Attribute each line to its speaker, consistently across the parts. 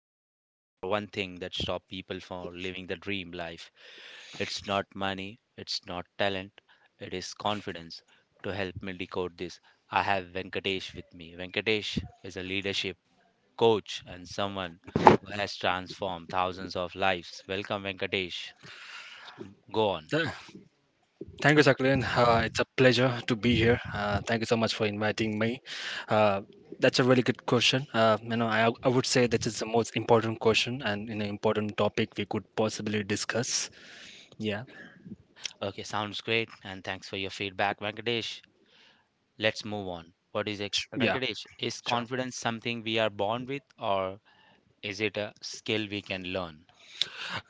Speaker 1: are tackling the number one thing that stops people from living the dream life. It's not money, it's not talent, it is confidence. To help me decode this, I have Venkatesh with me. Venkatesh is a leadership coach and someone who has transformed thousands of lives. Welcome, Venkatesh. Go on.
Speaker 2: Th- Thank you, Jacqueline. It's a pleasure to be here. Thank you so much for inviting me. Uh, that's a really good question. I would say that is the most important question and an important topic we could possibly discuss. Yeah.
Speaker 1: Okay, sounds great, and thanks for your feedback, Venkatesh. Let's move on. What is it,
Speaker 2: Yeah,
Speaker 1: Venkatesh? Is
Speaker 2: sure.
Speaker 1: confidence something we are born with, or is it a skill we can learn?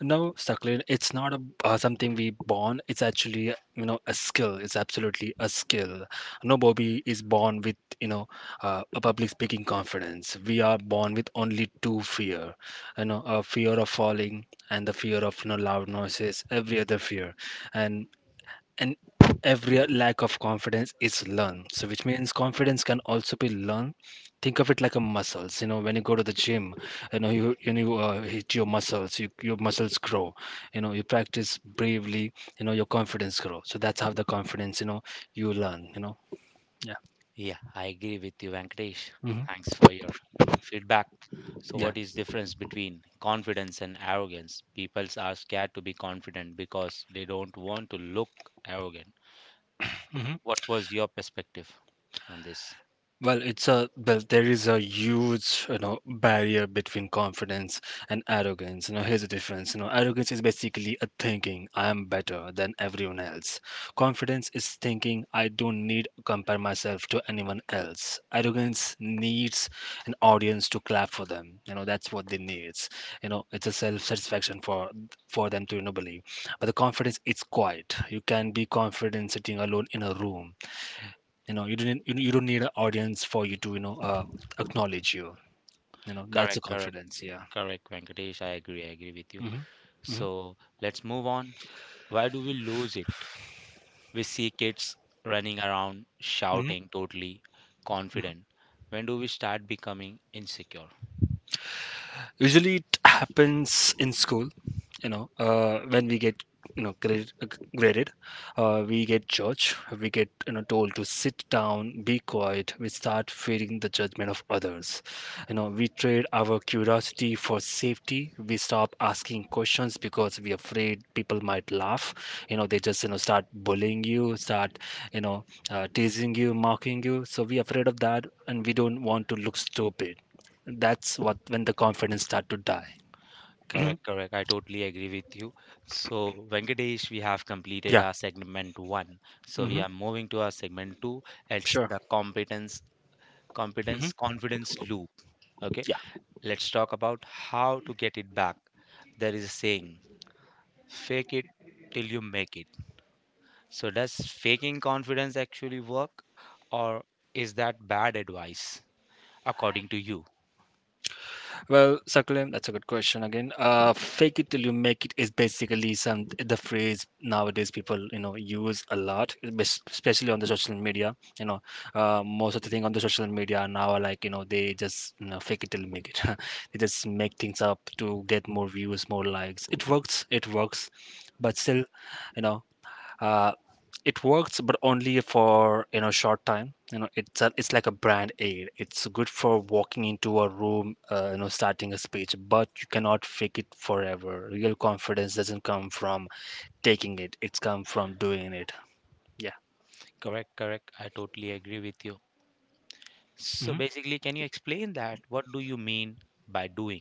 Speaker 2: No, Saklin, it's not a something we born. It's actually, you know, a skill. It's absolutely a skill. No Bobby is born with, you know, a public speaking confidence. We are born with only two fear, you know, a fear of falling and the fear of, you know, loud noises. Every other fear, and and every lack of confidence is learned, so which means confidence can also be learned. Think of it like a muscles, you know. When you go to the gym, you know, you hit your muscles, you, your muscles grow. You know, you practice bravely, you know, your confidence grow. So that's how the confidence, you know, you learn, you know. Yeah.
Speaker 1: Yeah, I agree with you, Venkatesh.
Speaker 2: Hmm.
Speaker 1: Thanks for your feedback. So,
Speaker 2: Yeah.
Speaker 1: what is difference between confidence and arrogance? People are scared to be confident because they don't want to look arrogant.
Speaker 2: Hmm.
Speaker 1: What was your perspective on this?
Speaker 2: Well, there is a huge, you know, barrier between confidence and arrogance. You know, here's the difference. You know, arrogance is basically a thinking I am better than everyone else. Confidence is thinking I don't need to compare myself to anyone else. Arrogance needs an audience to clap for them. You know, that's what they needs. You know, it's a self-satisfaction for them to, you know, believe. But the confidence, it's quiet. You can be confident sitting alone in a room. You know, you don't need an audience for you to, you know, acknowledge you. You know, that's a
Speaker 1: Correct, correct,
Speaker 2: confidence. Yeah.
Speaker 1: correct, Venkatesh. I agree with you.
Speaker 2: Mm-hmm.
Speaker 1: So, let's move on. Why do we lose it? We see kids running around
Speaker 2: Mm-hmm.
Speaker 1: shouting, totally confident. When do we start becoming insecure?
Speaker 2: Usually it happens in school. You know, when we get, you know, graded, we get judged, we get, you know, told to sit down, be quiet. We start fearing the judgment of others. You know, we trade our curiosity for safety. We stop asking questions because we're afraid people might laugh. You know, they just, you know, start bullying you, start, you know, teasing you, mocking you. So we're afraid of that and we don't want to look stupid. That's what when the confidence start to die.
Speaker 1: Correct, correct. I totally agree with you. So, Venkatesh, we have completed
Speaker 2: Yeah.
Speaker 1: our segment one. So, we
Speaker 2: Hmm.
Speaker 1: are moving to our segment two. It's
Speaker 2: Sure.
Speaker 1: the competence,
Speaker 2: Hmm.
Speaker 1: confidence loop. Okay,
Speaker 2: Yeah.
Speaker 1: let's talk about how to get it back. There is a saying, fake it till you make it. So, does faking confidence actually work, or is that bad advice, according to you?
Speaker 2: Well, Sakulim, that's a good question again. Fake it till you make it is basically some the phrase nowadays people, you know, use a lot, especially on the social media. You know, most of the thing on the social media now are like, you know, they just, you know, fake it till you make it. They just make things up to get more views, more likes. It works. It works, but still, you know, uh, it works but only for, you know, short time. You know, it's like a brand aid. It's good for walking into a room, you know, starting a speech, but you cannot fake it forever. Real confidence doesn't come from taking it, it's come from doing it. Yeah.
Speaker 1: Correct, correct. I totally agree with you. So,
Speaker 2: Mhm.
Speaker 1: basically, can you explain that? What do you mean by doing?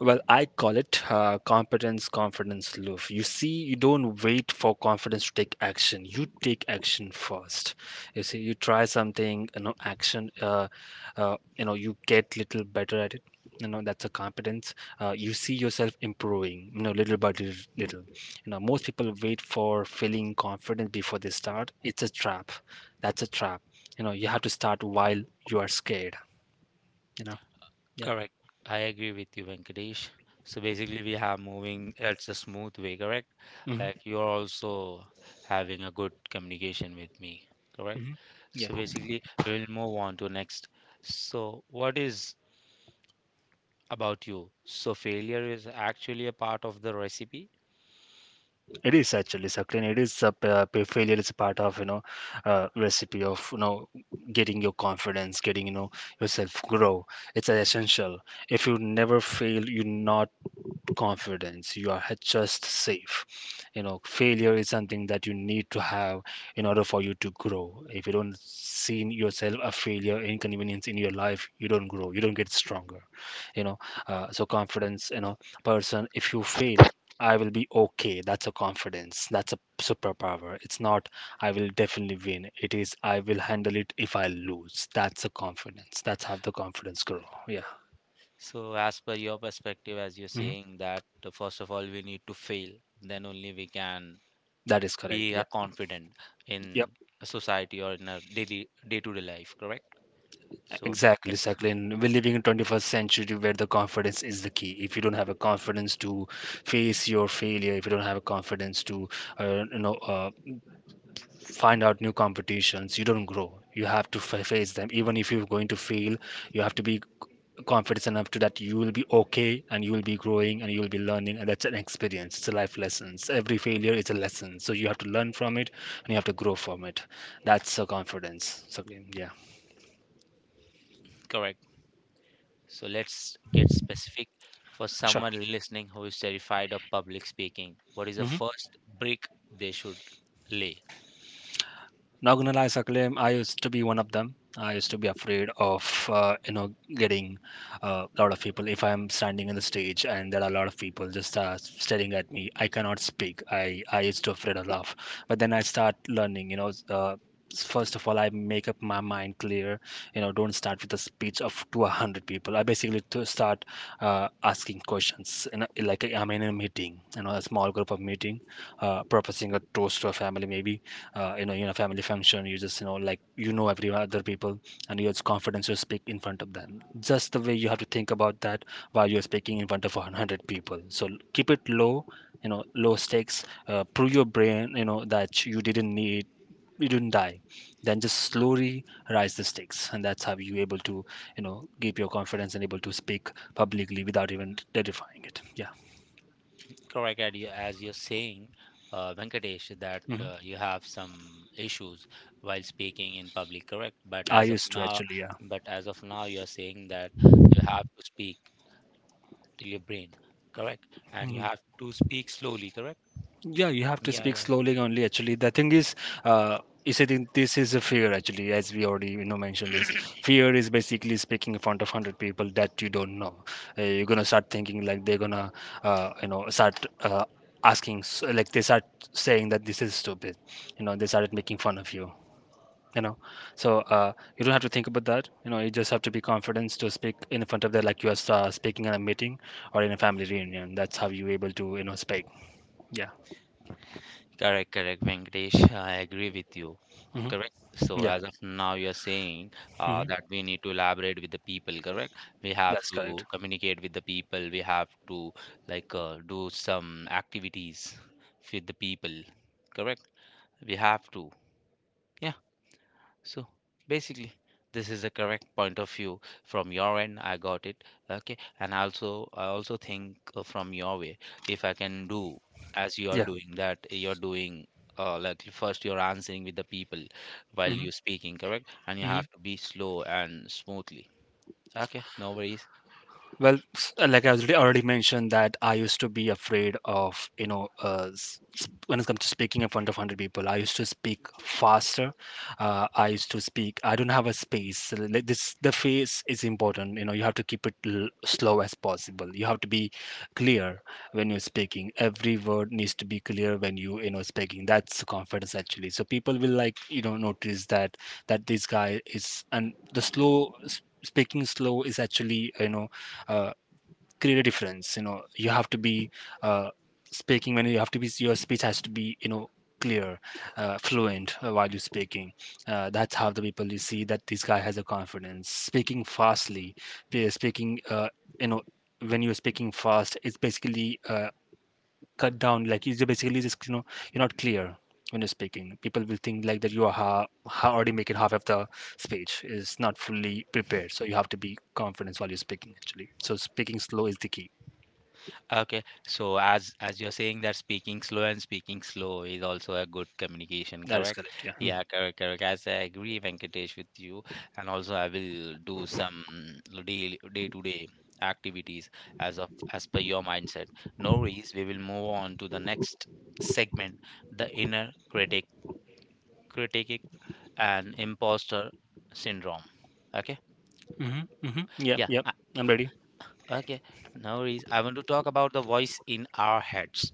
Speaker 2: Well, I call it competence confidence loop. You see, you don't wait for confidence to take action. You take action first. You see, you try something, you know, action. You know, you get little better at it. You know, that's a competence. You see yourself improving. You know, little by little, little. You know, most people wait for feeling confident before they start. It's a trap. That's a trap. You know, you have to start while you are scared. You know, yeah.
Speaker 1: Correct. I agree with you, Venkatesh. So, basically, we have moving, it's a smooth way, correct? Like,
Speaker 2: Hmm.
Speaker 1: you're also having a good communication with me, correct?
Speaker 2: Hmm. Yeah.
Speaker 1: So, basically, we will move on to next. So, what is about you. So failure is actually a part of the recipe.
Speaker 2: It is actually succulent. It is a failure is a part of, you know, recipe of, you know, getting your confidence, getting, you know, yourself grow. It's essential. If you never fail, you not confidence, you are just safe. You know, failure is something that you need to have in order for you to grow. If you don't see in yourself a failure inconvenience in your life, you don't grow, you don't get stronger. You know, so confidence, you know, person, if you fail, I will be okay. That's a confidence, that's a superpower. It's not I will definitely win, it is I will handle it if I lose. That's a confidence. That's how the confidence grow. Yeah.
Speaker 1: So as per your perspective, as you're
Speaker 2: Mhm.
Speaker 1: saying that first of all we need to fail, then only we can
Speaker 2: That is correct,
Speaker 1: be a
Speaker 2: yeah.
Speaker 1: confident
Speaker 2: Yep.
Speaker 1: in a society or in a daily day-to-day life, correct? So
Speaker 2: Exactly,
Speaker 1: that's
Speaker 2: exactly. And we're living in 21st century where the confidence is the key. If you don't have a confidence to face your failure, if you don't have a confidence to, uh, you know, uh, find out new competitions, you don't grow. You have to face them. Even if you're going to fail, you have to be confident enough to that you will be okay, and you will be growing and you will be learning, and that's an experience. It's a life lessons. Every failure is a lesson, so you have to learn from it and you have to grow from it. That's a confidence. So, yeah.
Speaker 1: correct. So let's get specific for
Speaker 2: Sure.
Speaker 1: someone listening who is terrified of public speaking. What is the
Speaker 2: Mhm.
Speaker 1: first brick they should lay?
Speaker 2: Not gonna lie, Saklem, I used to be one of them. I used to be afraid of, you know, getting a lot of people. If I'm standing on the stage and there are a lot of people just staring at me, I cannot speak. I used to afraid of laugh, but then I start learning. You know. Uh, First of all, I make up my mind clear. You know, don't start with a speech of to 100 people. I basically to start asking questions. You know, like I'm in a meeting, you know, a small group of meeting, proposing a toast to a family maybe, you know, you know, family function. You just, you know, like, you know, every other people, and you have confidence to speak in front of them just the way you have to think about that while you're speaking in front of 100 people. So keep it low, you know, low stakes. Prove your brain, you know, that you didn't need, you didn't die. Then just slowly rise the stakes, and that's how you able to, you know, keep your confidence and able to speak publicly without even terrifying it. Yeah.
Speaker 1: Correct, as you're saying, Venkatesh, that
Speaker 2: Hmm.
Speaker 1: you have some issues while speaking in public, correct, but
Speaker 2: I
Speaker 1: as of
Speaker 2: used to
Speaker 1: now,
Speaker 2: actually, yeah.
Speaker 1: you're saying that you have to speak till your brain, correct, and you have to speak slowly, correct.
Speaker 2: Yeah, you have to
Speaker 1: Yeah,
Speaker 2: speak
Speaker 1: yeah.
Speaker 2: slowly only. Actually, the thing is, uh, you said this is a fear. Actually, as we already, you know, mentioned this, fear is basically speaking in front of 100 people that you don't know. You're gonna start thinking like they're gonna, you know, start, asking like they start saying that this is stupid. You know, they started making fun of you. You know, so you don't have to think about that. You know, you just have to be confident to speak in front of them like you are speaking in a meeting or in a family reunion. That's how you're able to, you know, speak. Yeah.
Speaker 1: Correct, correct, Venkatesh. I agree with you.
Speaker 2: Hmm.
Speaker 1: Correct. So
Speaker 2: Yeah.
Speaker 1: as of now, you're saying
Speaker 2: Mhm.
Speaker 1: that we need to elaborate with the people, correct? We have
Speaker 2: That's correct.
Speaker 1: to communicate with the people. We have to, like, do some activities with the people, correct? We have to. Yeah. So basically, this is the correct point of view from your end. I got it. Okay, and also I also think from your way, if I can do as you are
Speaker 2: Yeah.
Speaker 1: doing that, you're doing. Like, first you're answering with the people while you're
Speaker 2: Mhm.
Speaker 1: speaking, correct, and you
Speaker 2: Mhm.
Speaker 1: have to be slow and smoothly. Okay, no worries.
Speaker 2: Well, like I already mentioned that I used to be afraid of, you know, when it comes to speaking in front of 100 people, I used to speak faster. I used to speak, I don't have a space. So like, this, the face is important. You know, you have to keep it slow as possible. You have to be clear when you're speaking. Every word needs to be clear when you know, speaking. That's confidence actually. So people will, like, you know, notice that, that this guy is, and the slow, speaking slow is actually, you know, uh, create a difference. You know, you have to be, uh, speaking when you have to be, your speech has to be, you know, clear, fluent, while you're speaking. That's how the people you see that this guy has a confidence, speaking fastly, speaking, you know, when you're speaking fast, it's basically, cut down, like you basically just, you know, you're not clear. When you're speaking people will think like that you are already making half of the speech is not fully prepared. So you have to be confident while you're speaking actually. So speaking slow is the key.
Speaker 1: Okay. So as you're saying that speaking slow and speaking slow is also a good communication,
Speaker 2: That is
Speaker 1: correct?
Speaker 2: correct, yeah.
Speaker 1: Yeah, correct, correct. As I agree, Venkatesh, with you, and also I will do some daily day-to-day activities as per your mindset. No worries, we will move on to the next segment, the inner critic, critic and imposter syndrome. Okay?
Speaker 2: Mm-hmm. Mm-hmm. Yeah. Yep.
Speaker 1: Yeah.
Speaker 2: Yep.
Speaker 1: uh,
Speaker 2: I'm ready.
Speaker 1: Okay. No worries. I want to talk about the voice in our heads.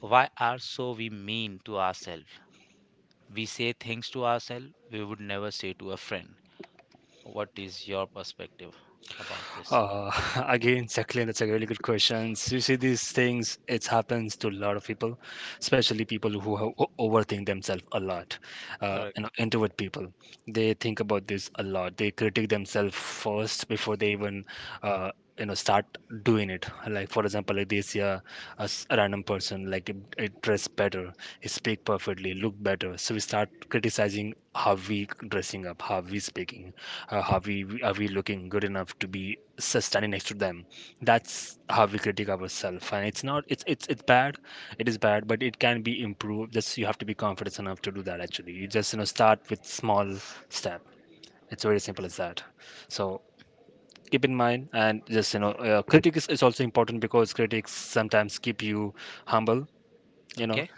Speaker 1: Why are so we mean to ourselves? We say things to ourselves we would never say to a friend. What is your perspective about this?
Speaker 2: Uh, Again, Jacqueline, that's a really good question. You see these things, it happens to a lot of people, especially people who have overthink themselves a lot. You know,
Speaker 1: Correct.
Speaker 2: introvert people, they think about this a lot. They critique themselves first before they even, uh, you know, start doing it. Like for example, like this year, a random person like it dress better, he speak perfectly, look better. So we start criticizing how we dressing up, how we speaking, are we looking good enough to be standing next to them. That's how we critique ourselves, and it's not it's it's bad. It is bad, but it can be improved. Just you have to be confident enough to do that actually. You just, you know, start with small step. It's very simple as that. So keep in mind, and just, you know, critique is also important because critics sometimes keep you humble, you know.
Speaker 1: Okay.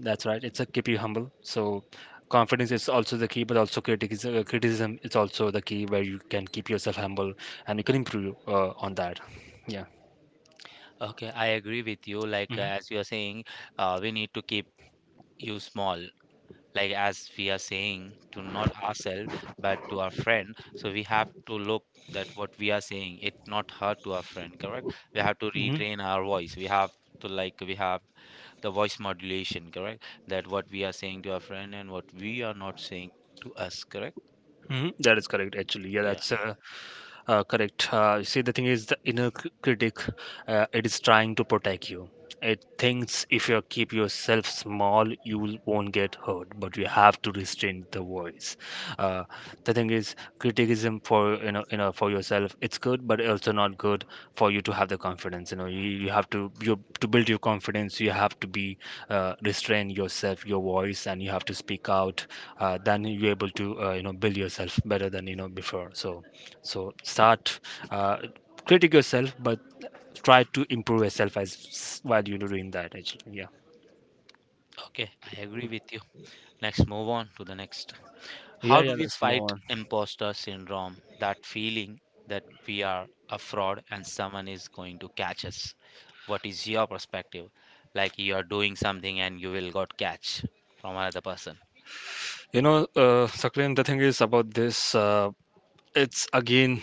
Speaker 2: That's right, it's a keep you humble. So confidence is also the key, but also criticism, criticism is also the key where you can keep yourself humble and you can improve on that. Yeah.
Speaker 1: Okay. I agree with you. Like,
Speaker 2: Mhm,
Speaker 1: as you are saying, we need to keep you small. Like as we are saying to not ourselves but to our friend. So we have to look that what we are saying it not hurt to our friend. Correct. We have to
Speaker 2: mhm,
Speaker 1: retrain our voice. We have to, like, we have the voice modulation, correct, that what we are saying to our friend and what we are not saying to us, correct.
Speaker 2: mhm. That is correct, actually. Yeah,
Speaker 1: Yeah,
Speaker 2: that's
Speaker 1: yeah.
Speaker 2: uh, Uh, correct. You see, the thing is, the inner critic, it is trying to protect you. It thinks if you keep yourself small, you won't get hurt. But you have to restrain the voice. Uh, the thing is, criticism for for yourself, it's good, but also not good for you to have the confidence. You know, you have to you to build your confidence. You have to be restrain yourself, your voice, and you have to speak out. Then you're able to you know build yourself better than you know before. So start uh, critique yourself, but try to improve yourself as while you're doing that actually. Yeah.
Speaker 1: Okay, I agree with you. Let's move on to the next.
Speaker 2: yeah
Speaker 1: How
Speaker 2: yeah
Speaker 1: do we
Speaker 2: let's move
Speaker 1: fight
Speaker 2: on.
Speaker 1: imposter syndrome, that feeling that we are a fraud and someone is going to catch us? What is your perspective? Like, you are doing something and you will got catch from another person.
Speaker 2: You know, Saklan, the thing is about this. It's again,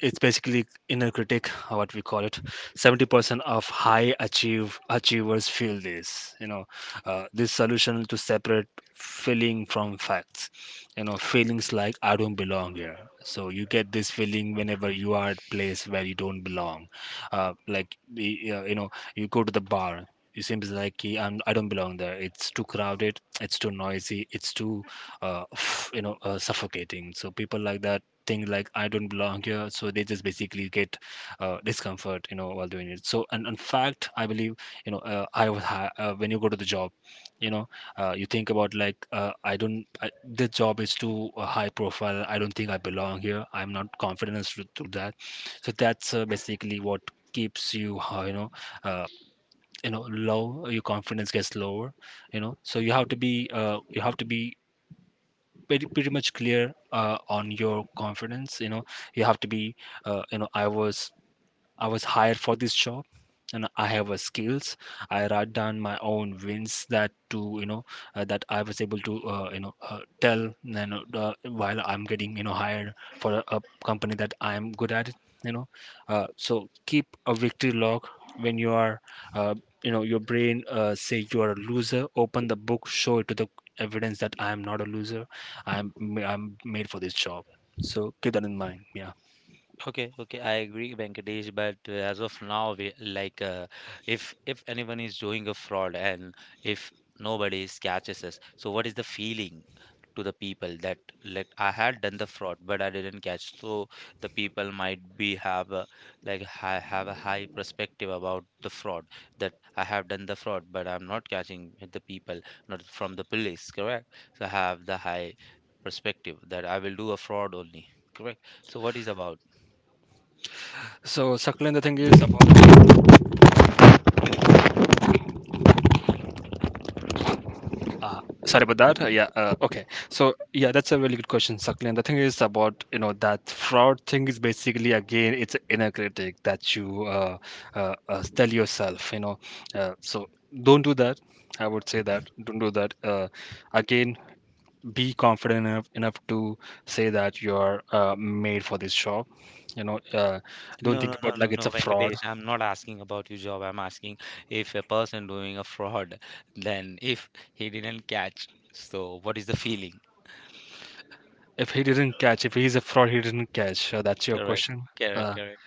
Speaker 2: it's basically inner critic or what we call it. 70% of high achievers feel this, you know. This solution to separate feeling from facts, you know. Feelings like I don't belong here, so you get this feeling whenever you are at place where you don't belong. Like you know, you go to the bar, it seems like "Ki, I don't belong there. It's too crowded. It's too noisy. It's too, you know, suffocating." So people like that think like I don't belong here, so they just basically get discomfort, you know, while doing it. So, and in fact, I believe, you know, when you go to the job, you know, you think about like I don't, I, this job is too high profile. I don't think I belong here. I'm not confident as to that. So that's basically what keeps you, uh, you know, low. Your confidence gets lower, you know. So you have to be, you have to be pretty much clear on your confidence, you know. You have to be you know I was hired for this job and I have a skills. I write down my own wins that to you know that I was able to you know tell you know, while I'm getting you know hired for a company that I'm good at it, you know. So keep a victory log. When you are, uh, you know, your brain say you are a loser, open the book, show it to the evidence that I am not a loser. I'm I'm made for this job. So keep that in mind. Yeah.
Speaker 1: Okay, okay, I agree, Venkatesh. But as of now, we like, if anyone is doing a fraud, and if nobody is catches us, so what is the feeling to the people that, like, I had done the fraud but I didn't catch? So the people might be have a, like, I have a high perspective about the fraud that I have done the fraud but I'm not catching with the people, not from the police, correct? So I have the high perspective that I will do a fraud only, correct? So what is about?
Speaker 2: so Saklan the thing is about Uh, Sorry about that. Yeah. Okay. So yeah, that's a really good question, Sakli. And the thing is about you know that fraud thing is basically again it's an inner critic that you tell yourself. You know, so don't do that. I would say that don't do that. Again, be confident enough to say that you're made for this job. You know, don't
Speaker 1: No, no,
Speaker 2: think
Speaker 1: no,
Speaker 2: about
Speaker 1: no,
Speaker 2: like it's a
Speaker 1: no,
Speaker 2: fraud.
Speaker 1: Venkatesh. I'm not asking about your job. I'm asking if a person doing a fraud, then if he didn't catch, so what is the feeling?
Speaker 2: If he didn't catch, if he's a fraud, he didn't catch. That's your
Speaker 1: Correct,
Speaker 2: question.
Speaker 1: correct,
Speaker 2: Uh,
Speaker 1: correct.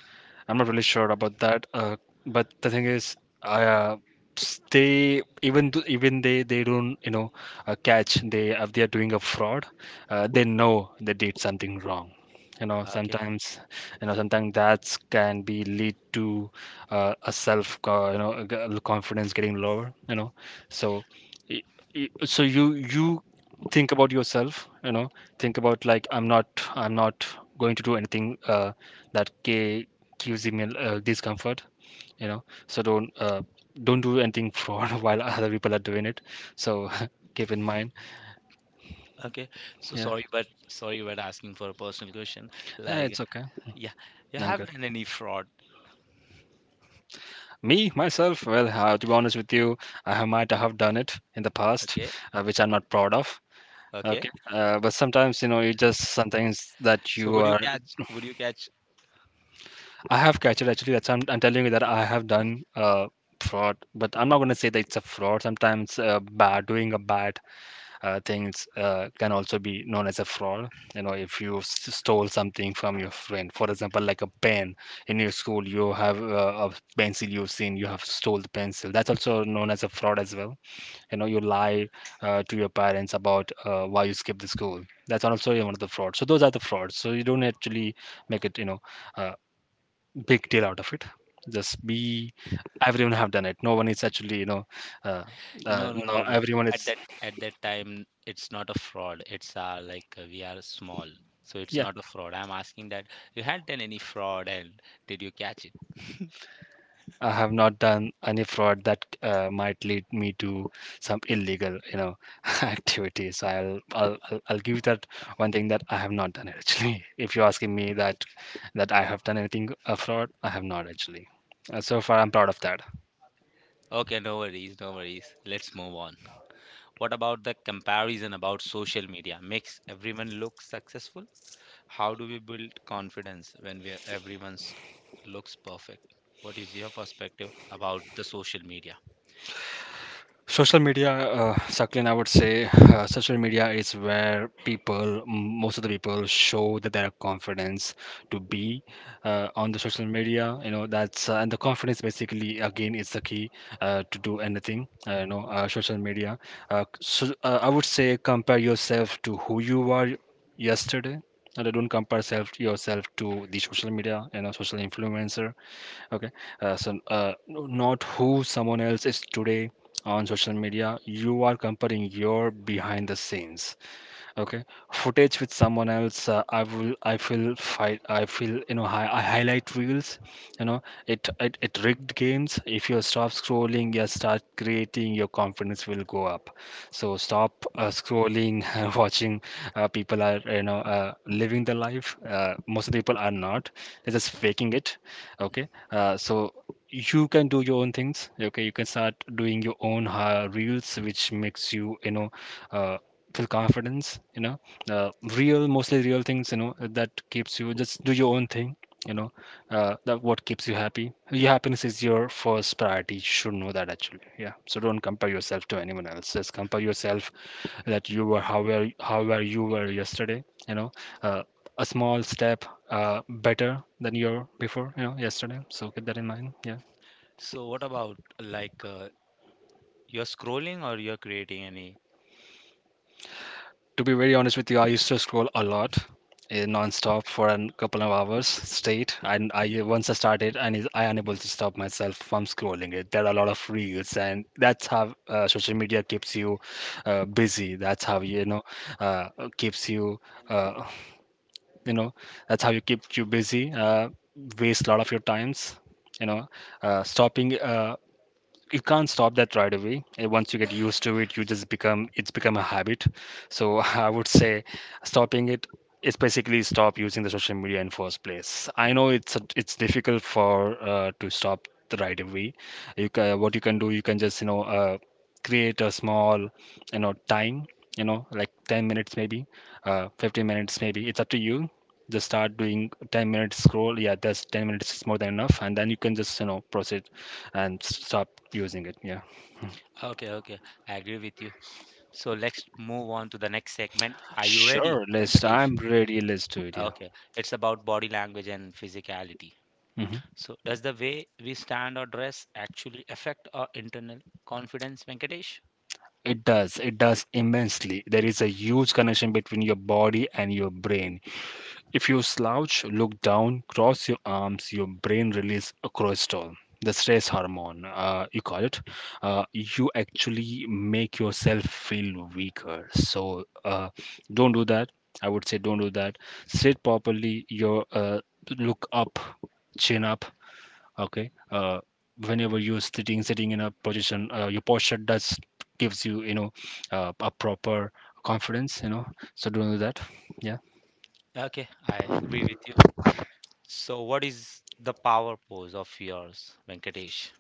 Speaker 2: I'm not really sure about that. But the thing is, I, uh, they even even they don't you know catch they if they are doing a fraud, they know they did something wrong. You know
Speaker 1: Okay,
Speaker 2: sometimes you know sometimes that can be lead to a you know a confidence getting lower. You know, so i- so you think about yourself. You know think about like I'm not going to do anything that causing me discomfort, you know. So don't do anything fraud while other people are doing it. So keep in mind.
Speaker 1: okay. So
Speaker 2: Yeah.
Speaker 1: sorry, but asking for a personal question.
Speaker 2: Eh,
Speaker 1: Like,
Speaker 2: it's okay.
Speaker 1: yeah, you
Speaker 2: I'm
Speaker 1: have
Speaker 2: good.
Speaker 1: done any fraud?
Speaker 2: Me myself, well, to be honest with you, might have done it in the past,
Speaker 1: Okay,
Speaker 2: which I'm not proud of.
Speaker 1: okay.
Speaker 2: Okay. But sometimes you know it just sometimes that
Speaker 1: So
Speaker 2: you
Speaker 1: would you
Speaker 2: are
Speaker 1: catch?
Speaker 2: I have catched it actually. That's I'm telling you that I have done fraud, but I'm not going to say that it's a fraud. Sometimes bad doing a bad things can also be known as a fraud. You know, if you stole something from your friend, for example, like a pen in your school. You have a pencil, you've seen, you have stole the pencil, that's also known as a fraud as well. You know, you lie to your parents about why you skipped the school, that's also one of the frauds. So those are the frauds. So you don't actually make it, you know, a big deal out of it. Just be everyone have done it. No one is actually, you know, uh,
Speaker 1: No, no,
Speaker 2: no
Speaker 1: no, no.
Speaker 2: everyone
Speaker 1: At
Speaker 2: is
Speaker 1: that at that time, it's not a fraud. It's like, we are small, so it's
Speaker 2: yeah.
Speaker 1: not a fraud. I'm asking that you had done any fraud and did you catch it?
Speaker 2: I have not done any fraud that might lead me to some illegal, you know, activity. So I'll give that one thing that I have not done actually. If you're asking me that that I have done anything fraud, I have not actually. So far, I'm proud of that.
Speaker 1: Okay, no worries, no worries. Let's move on. What about the comparison about social media? Makes everyone look successful? How do we build confidence when we everyone's looks perfect? What is your perspective about the social media?
Speaker 2: Social media, Saklin, I would say social media is where people most of the people show that they their confidence to be on the social media, you know. That's And the confidence basically again is the key to do anything, social media. I would say compare yourself to who you were yesterday, and don't compare self yourself to the social media, you know, social influencer. Okay. Not who someone else is today. On social media you are comparing your behind the scenes, okay, footage with someone else. I will I feel fight I feel, you know, I highlight reels, you know. It it rigged games. If you stop scrolling, you start creating your confidence will go up. So stop scrolling and watching people are, you know, living the life. Most of the people are not. They're just faking it. Okay. You can do your own things. Okay. You can start doing your own reels which makes you, you know, uh, feel confidence, you know. Real, mostly real things, you know, that keeps you. Just do your own thing, you know. That what keeps you happy. Your happiness is your first priority. You should know that actually. Yeah. So don't compare yourself to anyone else. Just compare yourself that you were how were how were you were yesterday, you know. uh, a small step better than you were before, you know, yesterday. So keep that in mind. Yeah.
Speaker 1: So what about, like, you're scrolling or you're creating any.
Speaker 2: To be very honest with you, I used to scroll a lot, eh, non-stop for a couple of hours straight. And I once I started, and I unable to stop myself from scrolling it. There are a lot of reels, and that's how social media keeps you busy. That's how you know uh, keeps you uh, you know that's how you keep you busy. Waste a lot of your times. You know, stopping. You can't stop that right away. Once you get used to it, you just become it's become a habit. So I would say stopping it is basically stop using the social media in first place. I know it's difficult for to stop the right away. You can, what you can do, you can just you know create a small you know time, you know, like 10 minutes maybe, 15 minutes maybe, it's up to you. Just start doing 10 minutes scroll. Yeah, that's 10 minutes is more than enough, and then you can just you know proceed and stop using it. Yeah.
Speaker 1: Okay, okay. I agree with you. So let's move on to the next segment. Are you ready,
Speaker 2: Sure, list.
Speaker 1: Venkatesh?
Speaker 2: I'm ready. Let's do it. Yeah.
Speaker 1: Okay. It's about body language and physicality.
Speaker 2: Hmm.
Speaker 1: So does the way we stand or dress actually affect our internal confidence, Venkatesh?
Speaker 2: It does. It does immensely. There is a huge connection between your body and your brain. If you slouch, look down, cross your arms, your brain release a cortisol, the stress hormone, you call it. You actually make yourself feel weaker. So don't do that. I would say don't do that. Sit properly. Your look up, chin up, okay whenever you're sitting in a position your posture does gives you you know a proper confidence, so don't do that, yeah.
Speaker 1: Okay, I agree with you. So what is the power pose of yours, Venkatesh?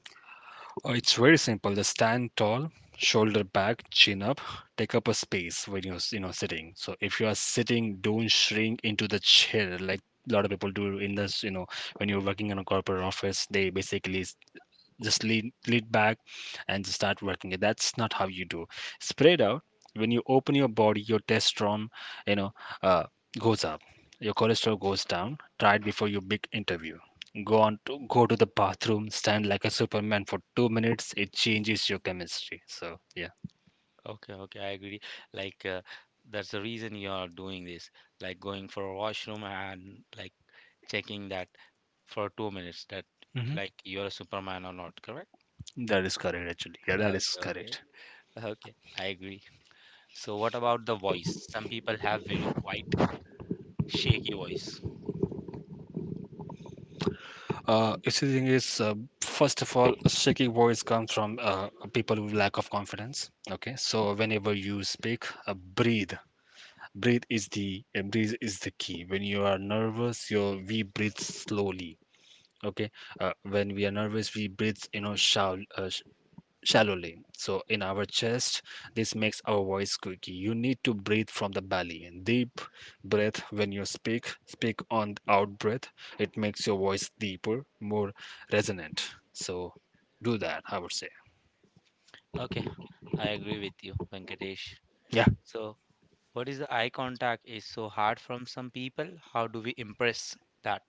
Speaker 2: It's very simple, just stand tall, shoulder back, chin up, take up a space when you're sitting. So if you are sitting, don't shrink into the chair like a lot of people do in this. When you're working in a corporate office, they basically just lean back and just start working it. That's not how you do. Spread out. When you open your body, your testosterone, you know, uh, goes up. Your cholesterol goes down. Try it before your big interview. Go on to go to the bathroom. Stand like a Superman for 2 minutes. It changes your chemistry. So yeah.
Speaker 1: Okay, okay, I agree. Like, that's the reason you are doing this, like going for a washroom and like checking that for 2 minutes that
Speaker 2: Hmm.
Speaker 1: like you're a Superman or not, correct?
Speaker 2: That is correct actually. Yeah, that is
Speaker 1: Okay,
Speaker 2: correct.
Speaker 1: okay, okay. I agree. So what about the voice? Some people have very quiet, shaky voice.
Speaker 2: It's the thing is, first of all, a shaky voice comes from people with lack of confidence. Okay, so whenever you speak, breathe. Breathe is the key. When you are nervous, you we breathe slowly. Okay, when we are nervous, we breathe, you know, shallow, shallowly. So in our chest, this makes our voice squeaky. You need to breathe from the belly. Deep breath when you speak. Speak on out breath. It makes your voice deeper, more resonant. So do that, I would say.
Speaker 1: Okay, I agree with you, Venkatesh.
Speaker 2: Yeah.
Speaker 1: So what is the eye contact is so hard from some people? How do we impress that?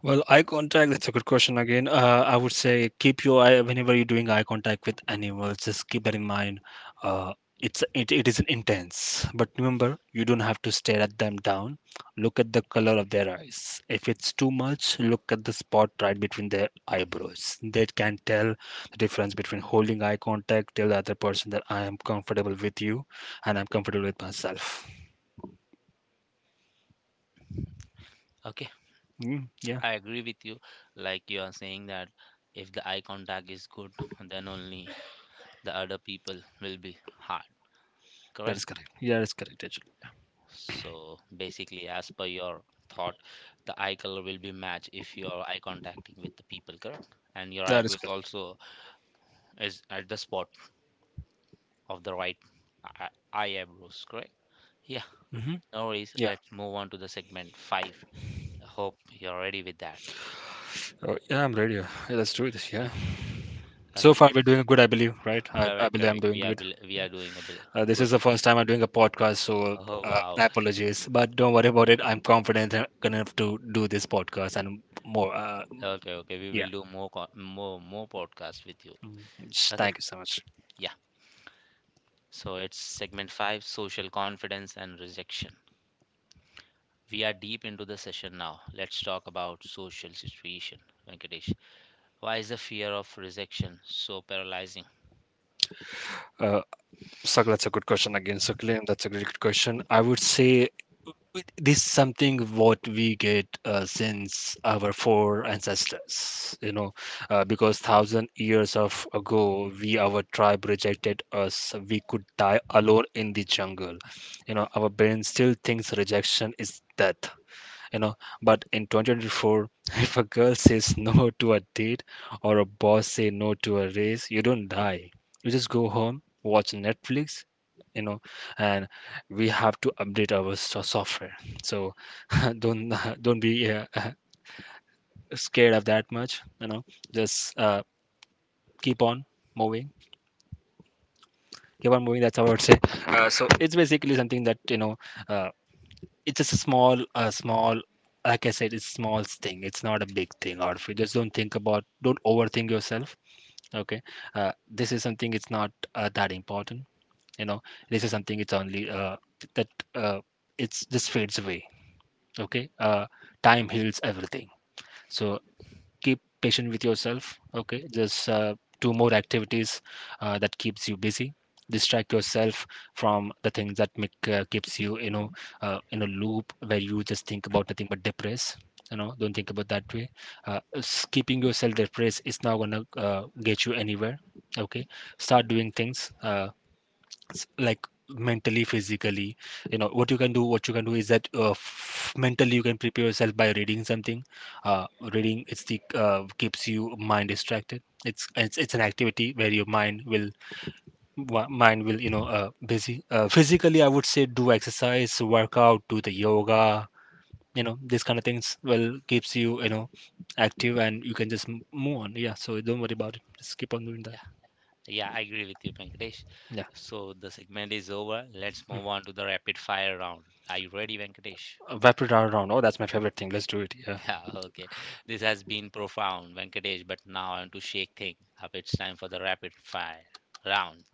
Speaker 2: Well, eye contact, that's a good question again. I would say keep your eye whenever you're doing eye contact with animals, just keep that in mind. Uh, it is intense, but remember, you don't have to stare at them down. Look at the color of their eyes. If it's too much, look at the spot right between their eyebrows. That can tell the difference between holding eye contact, tell the other person that I am comfortable with you and I'm comfortable with myself.
Speaker 1: Okay,
Speaker 2: Mm, yeah,
Speaker 1: I agree with you. Like you are saying that if the eye contact is good, then only the other people will be hard,
Speaker 2: that
Speaker 1: correct?
Speaker 2: is correct. Yeah, that is correct, actually.
Speaker 1: So basically, as per your thought, the eye color will be matched if you are eye contacting with the people, correct? And your
Speaker 2: That is
Speaker 1: eyebrows
Speaker 2: correct.
Speaker 1: also is at the spot of the right eye eyebrows, correct? Yeah,
Speaker 2: Hmm.
Speaker 1: no worries.
Speaker 2: Yeah.
Speaker 1: Let's move on to the segment five. I hope you're ready with that.
Speaker 2: Oh, yeah, I'm ready. Yeah, let's do this. Yeah.
Speaker 1: Okay,
Speaker 2: So
Speaker 1: okay,
Speaker 2: far, we're
Speaker 1: it's
Speaker 2: doing good, I believe, right? I
Speaker 1: correct,
Speaker 2: believe I'm
Speaker 1: correct.
Speaker 2: doing good.
Speaker 1: We are doing a bit
Speaker 2: This
Speaker 1: good,
Speaker 2: is the
Speaker 1: good.
Speaker 2: first time I'm doing a podcast, so
Speaker 1: Oh wow.
Speaker 2: I apologize. But don't worry about it. I'm confident enough to do this podcast and more.
Speaker 1: Okay, okay. We
Speaker 2: Yeah.
Speaker 1: will do more co- more more podcasts with you. Okay.
Speaker 2: Thank you so much.
Speaker 1: Yeah. So it's segment five, social confidence and rejection. We are deep into the session now. Let's talk about social situation, Venkatesh. Why is the fear of rejection so paralyzing?
Speaker 2: Uh, Sak, that's a good question again. So, Claim, that's a great question. I would say this is something what we get since our four ancestors, because thousand years of ago we our tribe rejected us, we could die alone in the jungle, you know, our brain still thinks rejection is death, you know, but in 2024 if a girl says no to a date or a boss say no to a raise, you don't die, you just go home, watch Netflix, you know. And we have to update our software. So don't don't be scared of that much, you know. Just keep on moving, keep on moving, that's how I would say. So it's basically something that, you know, uh, it's just a small a small, like I said, it's small thing, it's not a big thing. Or if you just don't think about, don't overthink yourself, okay. This is something, it's not that important, you know. This is something, it's only that it's just fades away, okay. Time heals everything, so keep patient with yourself, okay. Just do more activities that keeps you busy. Distract yourself from the things that make keeps you, you know, in a loop where you just think about nothing but depress, you know. Don't think about that way. Keeping yourself depressed is not gonna get you anywhere, okay. Start doing things like mentally, physically, you know. What you can do, what you can do is that, mentally you can prepare yourself by reading something. uh, reading it's the keeps you mind distracted, it's an activity where your mind will mind will, you know, busy. Physically I would say do exercise, work out, do the yoga, you know, these kind of things will keeps you, you know, active and you can just move on. Yeah, so don't worry about it, just keep on doing that,
Speaker 1: Yeah, yeah, I agree with you, Venkatesh.
Speaker 2: yeah.
Speaker 1: So the segment is over. Let's move on to the rapid fire round. Are you ready, Venkatesh?
Speaker 2: Rapid round oh that's my favorite thing, let's do it, yeah, sure.
Speaker 1: Yeah, okay. This has been profound, Venkatesh, but now I want to shake things up. It's time for the rapid fire round.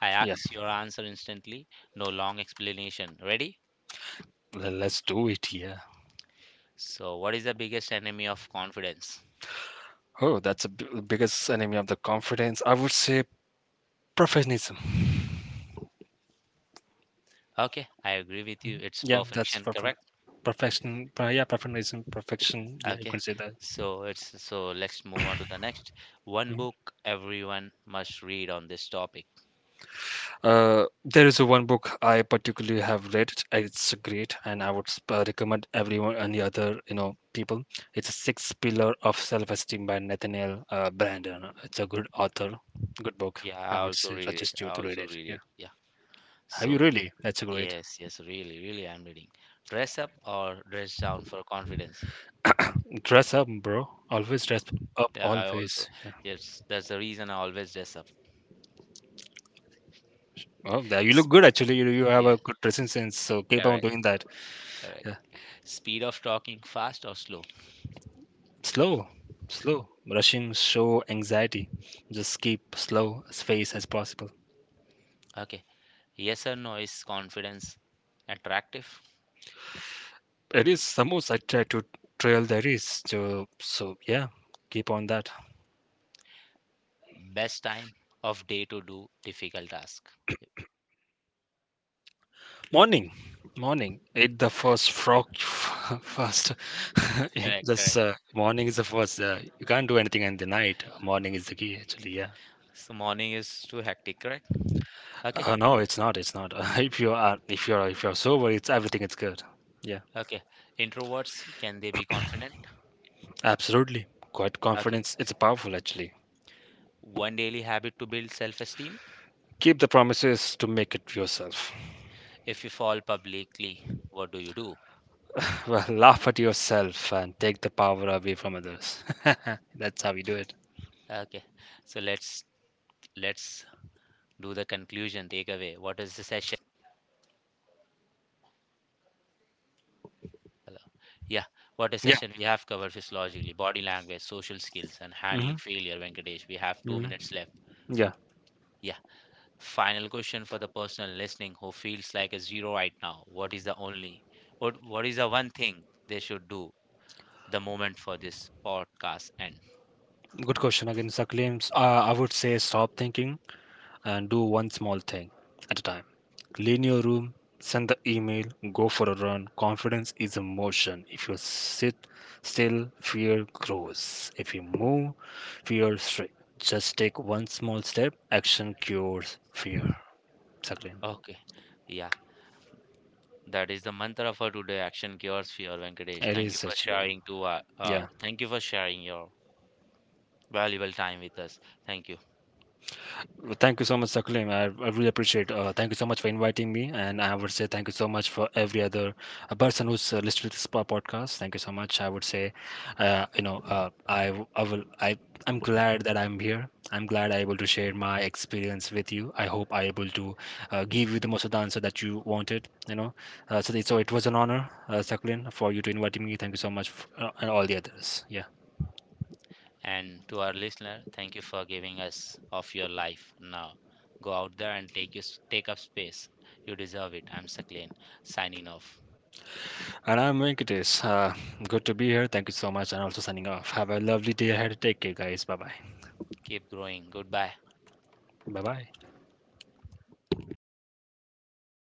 Speaker 1: I ask your answer instantly, no long explanation. Ready?
Speaker 2: Let's do it, yeah.
Speaker 1: So, what is the biggest enemy of confidence?
Speaker 2: Oh, that's a the biggest enemy of the confidence. I would say perfectionism.
Speaker 1: Okay, I agree with you. It's
Speaker 2: Yeah, that's
Speaker 1: perfection, correct?
Speaker 2: perfection. Yeah, perfectionism, perfection. Yeah, you
Speaker 1: Okay.
Speaker 2: can say that.
Speaker 1: So it's so let's move on to the next. One book everyone must read on this topic.
Speaker 2: There is a one book I particularly have read. It's great, and I would recommend everyone, any other, you know, people. It's a Six Pillar of Self-Esteem by Nathaniel Brandon. It's a good author, good book.
Speaker 1: Yeah, I
Speaker 2: I would
Speaker 1: also
Speaker 2: say
Speaker 1: read it.
Speaker 2: suggest
Speaker 1: I
Speaker 2: you to read
Speaker 1: also
Speaker 2: it.
Speaker 1: read
Speaker 2: Yeah,
Speaker 1: it. Yeah.
Speaker 2: have you
Speaker 1: So
Speaker 2: really? That's great.
Speaker 1: yes, yes, really, really, I'm reading. Dress up or dress down for confidence.
Speaker 2: Dress up, bro. Always dress up,
Speaker 1: Yeah, I also
Speaker 2: always. Yeah.
Speaker 1: yes, that's the reason I always dress up.
Speaker 2: Oh, you
Speaker 1: S-
Speaker 2: look good actually. You have a
Speaker 1: Yeah,
Speaker 2: good dressing sense, so keep on
Speaker 1: correct,
Speaker 2: doing that.
Speaker 1: correct.
Speaker 2: Yeah.
Speaker 1: Speed of talking, fast or slow?
Speaker 2: Slow, slow. Rushing show anxiety. Just keep slow as fast as possible.
Speaker 1: Okay. Yes or no, is confidence attractive?
Speaker 2: It is the most I try to trail there is. So, so yeah, keep on that.
Speaker 1: Best time of day to do difficult task.
Speaker 2: Morning, morning. Eat the first frog first. Yeah,
Speaker 1: Correct,
Speaker 2: just
Speaker 1: correct.
Speaker 2: morning is the first. You can't do anything in the night. Morning is the key actually. Yeah.
Speaker 1: So morning is too hectic, correct? Okay,
Speaker 2: No, it's not. It's not. If you are, if you are, if you are sober, it's everything. It's good. Yeah,
Speaker 1: okay. Introverts, can they be confident?
Speaker 2: absolutely. Quiet
Speaker 1: Okay.
Speaker 2: confidence. It's powerful, actually.
Speaker 1: One daily habit to build self-esteem.
Speaker 2: Keep the promises to make it yourself.
Speaker 1: If you fall publicly, what do you do?
Speaker 2: Well, laugh at yourself and take the power away from others. That's how we do it.
Speaker 1: Okay. So let's do the conclusion takeaway. What is the session? Hello. Yeah, what a
Speaker 2: Yeah.
Speaker 1: session we have covered physiologically, body language, social skills, and
Speaker 2: Hmm.
Speaker 1: handling failure, Venkatesh. We have two
Speaker 2: Hmm.
Speaker 1: minutes left.
Speaker 2: Yeah.
Speaker 1: Yeah, final question for the person listening who feels like a zero right now. What is the one thing they should do the moment for this podcast end?
Speaker 2: Good question again. Sir claims. I would say stop thinking and do one small thing at a time. Clean your room, send the email, go for a run. Confidence is a motion. If you sit still, fear grows. If you move, fear shrinks. Just take one small step. Action cures fear. Exactly.
Speaker 1: Okay, yeah, that is the mantra for today. Action cures fear, Venkatesh.
Speaker 2: It
Speaker 1: Thank you
Speaker 2: is
Speaker 1: for
Speaker 2: actually.
Speaker 1: sharing to
Speaker 2: Yeah.
Speaker 1: thank you for sharing your valuable time with us. Thank you.
Speaker 2: Well, thank you so much, Sakulim. I really appreciate. Thank you so much for inviting me, and I would say thank you so much for every other person who's listened to this podcast. Thank you so much. I would say, you know, I'm glad that I'm here. I'm glad I able to share my experience with you. I hope I able to give you the most of the answer that you wanted. You know, so, so it was an honor, Sakulim, for you to invite me. Thank you so much, f and all the others. Yeah.
Speaker 1: And to our listener, thank you for giving us of your life now. Go out there and take up space. You deserve it. I'm Saklin signing off.
Speaker 2: And I'm Venkatesh. Good to be here. Thank you so much. And also signing off. Have a lovely day ahead. Take care, guys. Bye bye.
Speaker 1: Keep growing. Goodbye.
Speaker 2: Bye bye.